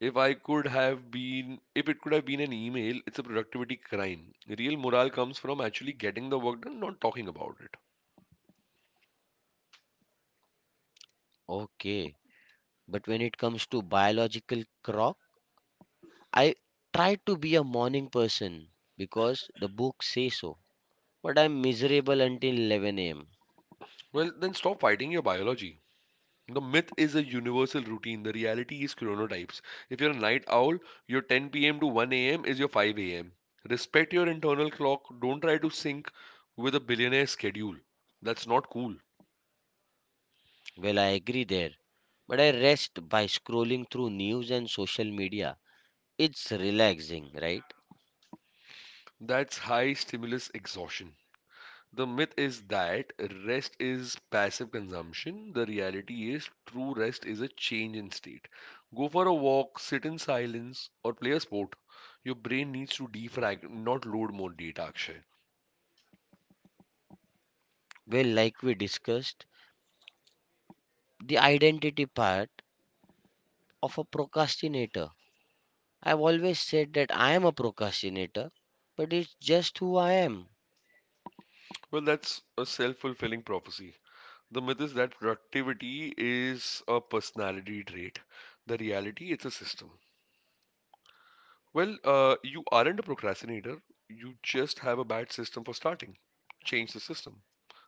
Speaker 2: If I could have been, if it could have been an email, it's a productivity crime. Real morale comes from actually getting the work done, not talking about it.
Speaker 1: Okay, but when it comes to biological clock, I try to be a morning person because the book says so. But I'm miserable until 11 am.
Speaker 2: Well, then stop fighting your biology. The myth is a universal routine. The reality is chronotypes. If you're a night owl, your 10 p.m. to 1 a.m. is your 5 a.m. Respect your internal clock. Don't try to sync with a billionaire schedule. That's not cool.
Speaker 1: Well, I agree there. But I rest by scrolling through news and social media. It's relaxing, right?
Speaker 2: That's high stimulus exhaustion. The myth is that rest is passive consumption. The reality is true rest is a change in state. Go for a walk, sit in silence, or play a sport. Your brain needs to defrag, not load more data, Akshay.
Speaker 1: Well, like we discussed, the identity part of a procrastinator. I've always said that I am a procrastinator, but it's just who I am.
Speaker 2: Well, that's a self fulfilling prophecy. The myth is that productivity is a personality trait. The reality, it's a system. Well, you aren't a procrastinator, you just have a bad system for starting. Change the system,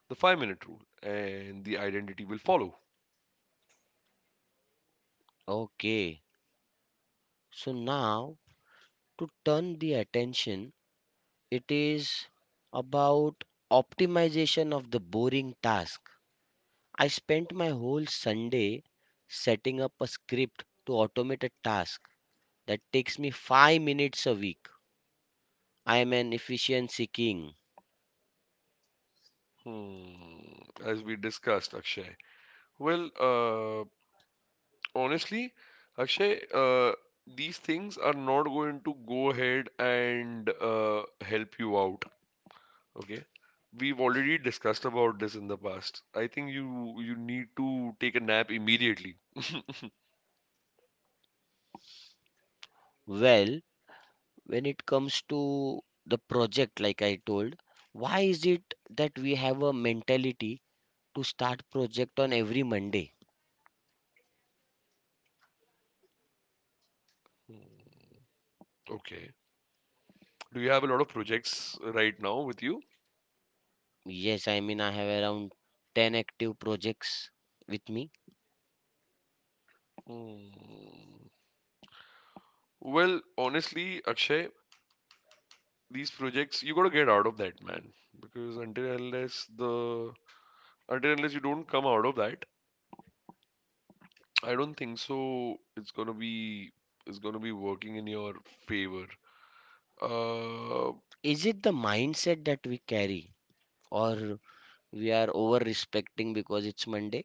Speaker 2: the 5 minute rule, and the identity will follow.
Speaker 1: Okay, so now to turn the attention, it is about optimization of the boring task. I spent my whole Sunday setting up a script to automate a task that takes me 5 minutes a week. I am an efficiency king.
Speaker 2: Hmm, as we discussed, Akshay. Well, uh, Honestly, Akshay, these things are not going to go ahead and help you out. Okay, we've already discussed about this in the past. I think you need to take a nap immediately.
Speaker 1: Well, when it comes to the project, like I told, why is it that we have a mentality to start project on every Monday?
Speaker 2: Hmm, okay. Do you have a lot of projects right now with you?
Speaker 1: Yes, I mean, I have around 10 active projects with me.
Speaker 2: Hmm. Well, honestly, Akshay. These projects you got to get out of that, man, because until unless you don't come out of that, I don't think so it's going to be, it's going to be working in your favor. uh
Speaker 1: Is it the mindset that we carry, or we are over respecting because it's Monday?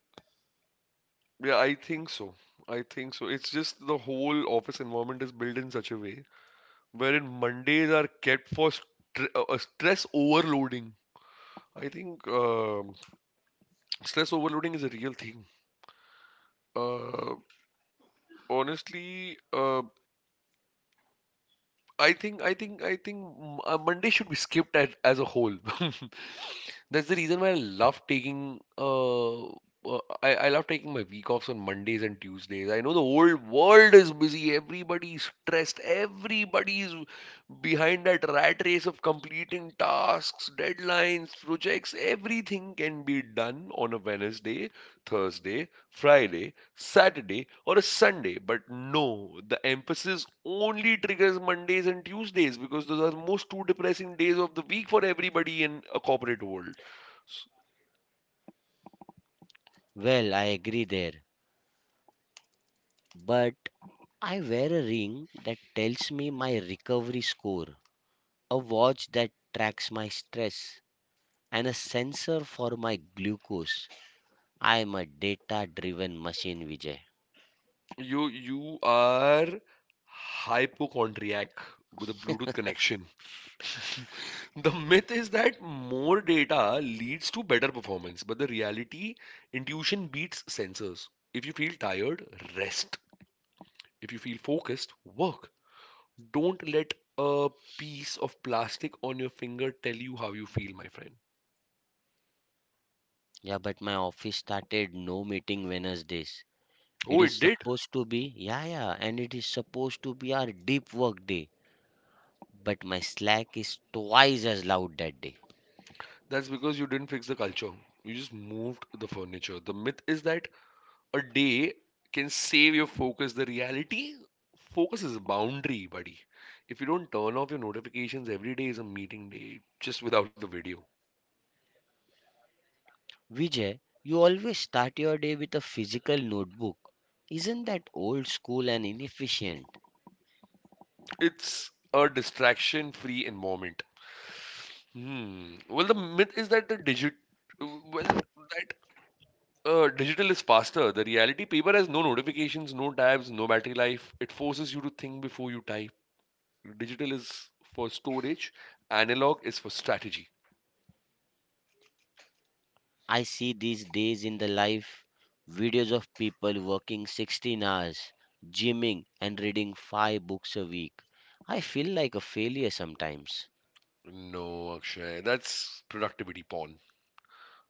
Speaker 2: yeah, I think so. I think so, it's just the whole office environment is built in such a way wherein Mondays are kept for stress overloading. I think stress overloading is a real thing. uh Honestly, I think Monday should be skipped as a whole. That's the reason why I love taking I love taking my week offs on Mondays and Tuesdays. I know the whole world is busy, everybody's stressed, everybody's behind that rat race of completing tasks, deadlines, projects. Everything can be done on a Wednesday, Thursday, Friday, Saturday or a Sunday. But no, the emphasis only triggers Mondays and Tuesdays, because those are most two depressing days of the week for everybody in a corporate world. S-
Speaker 1: Well, I agree there, but I wear a ring that tells me my recovery score, a watch that tracks my stress, and a sensor for my glucose. I am a data driven machine, Vijay.
Speaker 2: you are hypochondriac with a Bluetooth connection. The myth is that more data leads to better performance, but the reality, intuition beats sensors. If you feel tired, rest. If you feel focused, work. Don't let a piece of plastic on your finger tell you how you feel, my friend.
Speaker 1: Yeah, but my office started no meeting Wednesdays. It
Speaker 2: Oh,
Speaker 1: is
Speaker 2: it did?
Speaker 1: supposed to be, yeah, yeah, and it is supposed to be our deep work day. But my Slack is twice as loud that day.
Speaker 2: That's because you didn't fix the culture. You just moved the furniture. The myth is that a day can save your focus. The reality, focus is a boundary, buddy. If you don't turn off your notifications, every day is a meeting day, just without the video.
Speaker 1: Vijay, you always start your day with a physical notebook. Isn't that old school and inefficient?
Speaker 2: It's a distraction free environment. Hmm. Well, the myth is that the digit, well, that digital is faster. The reality, paper has no notifications, no tabs, no battery life. It forces you to think before you type. Digital is for storage, analog is for strategy.
Speaker 1: I see these days in the life videos of people working 16 hours, gymming, and reading 5 books a week. I feel like a failure sometimes.
Speaker 2: No, Akshay, that's productivity porn.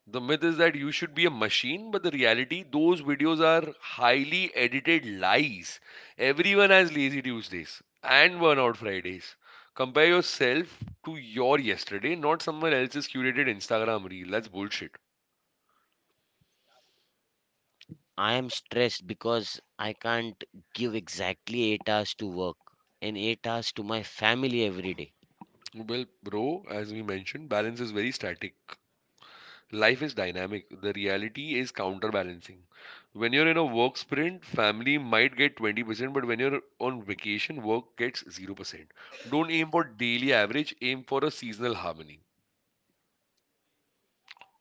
Speaker 2: The myth is that you should be a machine, but the reality, those videos are highly edited lies. Everyone has lazy Tuesdays and burnout Fridays. Compare yourself to your yesterday, not someone else's curated Instagram reel. That's bullshit.
Speaker 1: I am stressed because I can't give exactly 8 hours to work and 8 hours to my family every day.
Speaker 2: Well, bro, as we mentioned, balance is very static. Life is dynamic. The reality is counterbalancing. When you're in a work sprint, family might get 20%, but when you're on vacation, work gets 0%. Don't aim for daily average, aim for a seasonal harmony.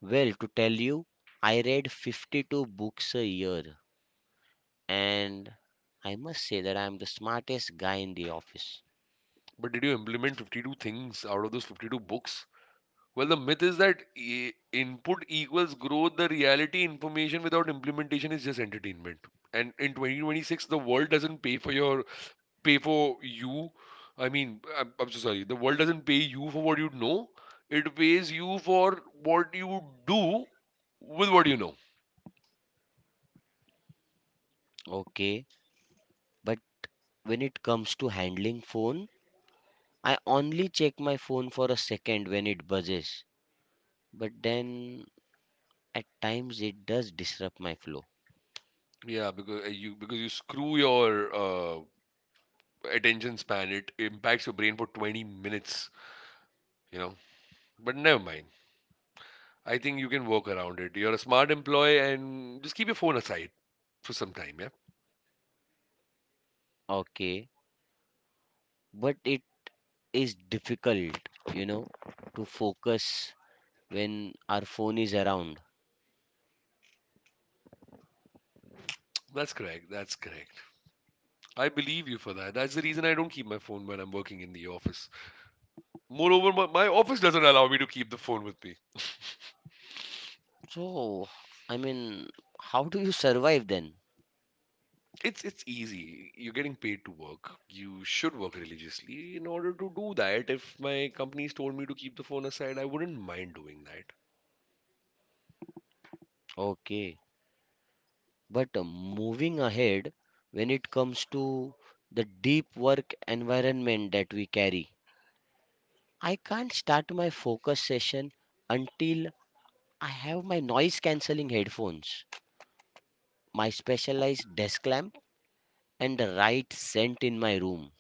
Speaker 1: Well, to tell you, I read 52 books a year, and I must say that I am the smartest guy in the office.
Speaker 2: But did you implement 52 things out of those 52 books? Well, the myth is that input equals growth. The reality, information without implementation is just entertainment. And in 2026, the world doesn't pay for you. I mean, I'm so sorry. The world doesn't pay you for what you know. It pays you for what you do with what you know.
Speaker 1: Okay, but when it comes to handling phone, I only check my phone for a second when it buzzes, but then at times it does disrupt my flow.
Speaker 2: Yeah, because you because you screw your attention span. It impacts your brain for 20 minutes. You know, but never mind. I think you can work around it. You're a smart employee, and just keep your phone aside for some time. Yeah,
Speaker 1: Okay, but it is difficult, you know, to focus when our phone is around.
Speaker 2: that's correct. That's correct. I believe you for that. That's the reason I don't keep my phone when I'm working in the office. Moreover, my office doesn't allow me to keep the phone with me.
Speaker 1: So, I mean, how do you survive then?
Speaker 2: It's easy. You're getting paid to work. You should work religiously in order to do that. If my companies told me to keep the phone aside, I wouldn't mind doing that.
Speaker 1: Okay, but moving ahead, when it comes to the deep work environment that we carry, I can't start my focus session until I have my noise cancelling headphones, my specialized desk lamp, and the right scent in my room.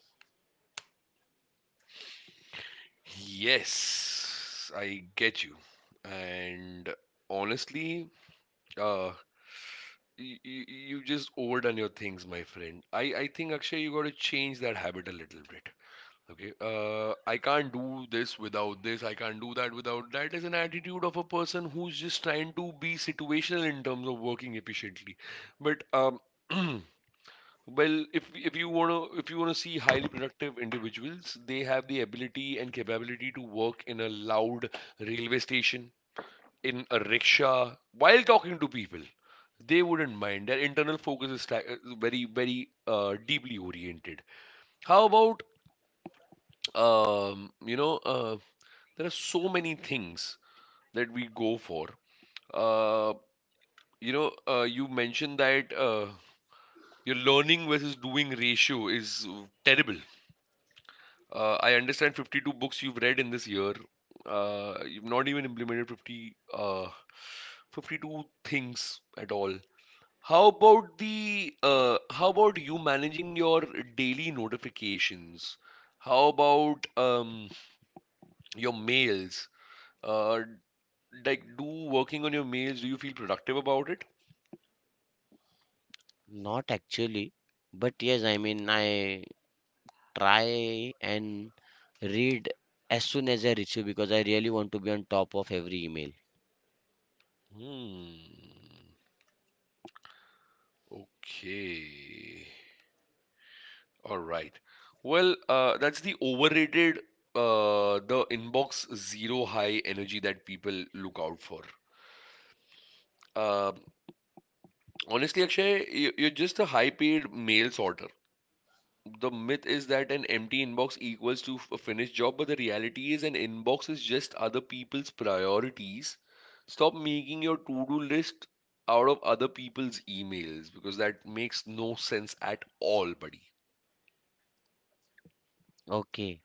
Speaker 2: Yes, I get you. And honestly, uh, you've just overdone your things, my friend. I think, Akshay, you got to change that habit a little bit. Okay, I can't do this without this, I can't do that without that is an attitude of a person who's just trying to be situational in terms of working efficiently. But well, if you wanna see highly productive individuals, they have the ability and capability to work in a loud railway station, in a rickshaw, while talking to people. They wouldn't mind. Their internal focus is very, very deeply oriented. How about um, you know, uh, there are so many things that we go for. Uh, you mentioned that your learning versus doing ratio is terrible. I understand 52 books you've read in this year. You've not even implemented 50, 52 things at all. How about the how about you managing your daily notifications? How about your mails? Uh, like do working on your mails? Do you feel productive about it?
Speaker 1: Not actually, but yes, I mean, I try and read as soon as I reach you because I really want to be on top of every email.
Speaker 2: Hmm, okay, all right. Well, that's the overrated the inbox zero high energy that people look out for. uh, Honestly, Akshay, you're just a high paid mail sorter. The myth is that an empty inbox equals to a finished job, but the reality is an inbox is just other people's priorities. Stop making your to do list out of other people's emails, because that makes no sense at all, buddy.
Speaker 1: Okay,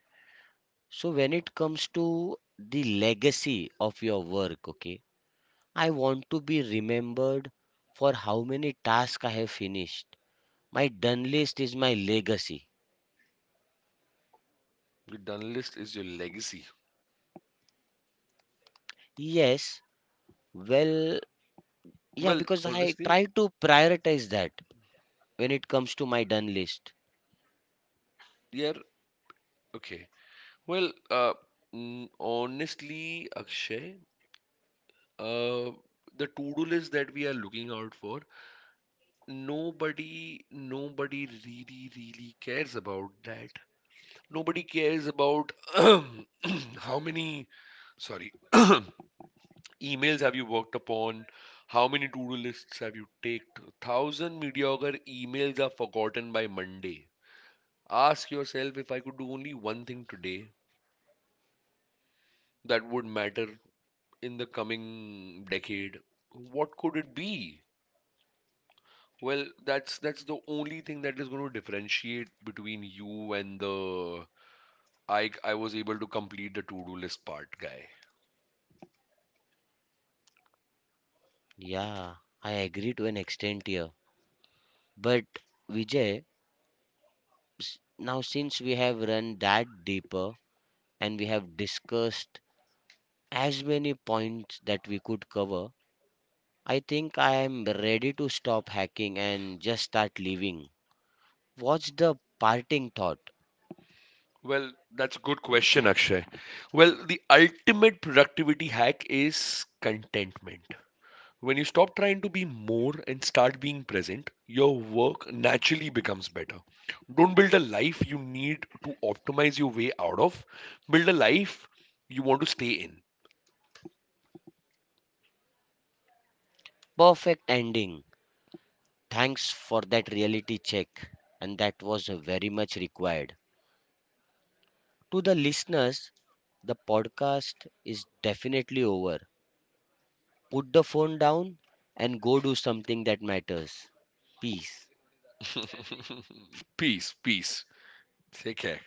Speaker 1: so when it comes to the legacy of your work, okay, I want to be remembered for how many tasks I have finished. My done list is my legacy.
Speaker 2: Your done list is your legacy.
Speaker 1: Yes, well, yeah,
Speaker 2: Well,
Speaker 1: because I
Speaker 2: honestly,
Speaker 1: try to prioritize that when it comes to my done list.
Speaker 2: yeah, okay. Well, honestly, Akshay, uh, the to do list that we are looking out for, nobody really cares about that. Nobody cares about how many, sorry, emails have you worked upon, how many to-do lists have you ticked. Thousand mediocre emails are forgotten by Monday. Ask yourself, if I could do only one thing today that would matter in the coming decade, what could it be? Well, that's the only thing that is going to differentiate between you and the I was able to complete the to-do list part, guy?
Speaker 1: Yeah, I agree to an extent here. But Vijay, now since we have run that deeper and we have discussed as many points that we could cover, I think I am ready to stop hacking and just start living. What's the parting thought?
Speaker 2: Well, that's a good question, Akshay. Well, the ultimate productivity hack is contentment. When you stop trying to be more and start being present, your work naturally becomes better. Don't build a life you need to optimize your way out of. Build a life you want to stay in.
Speaker 1: Perfect ending. Thanks for that reality check, and that was very much required. To the listeners, the podcast is definitely over. Put the phone down and go do something that matters. Peace.
Speaker 2: Peace, peace. Take care.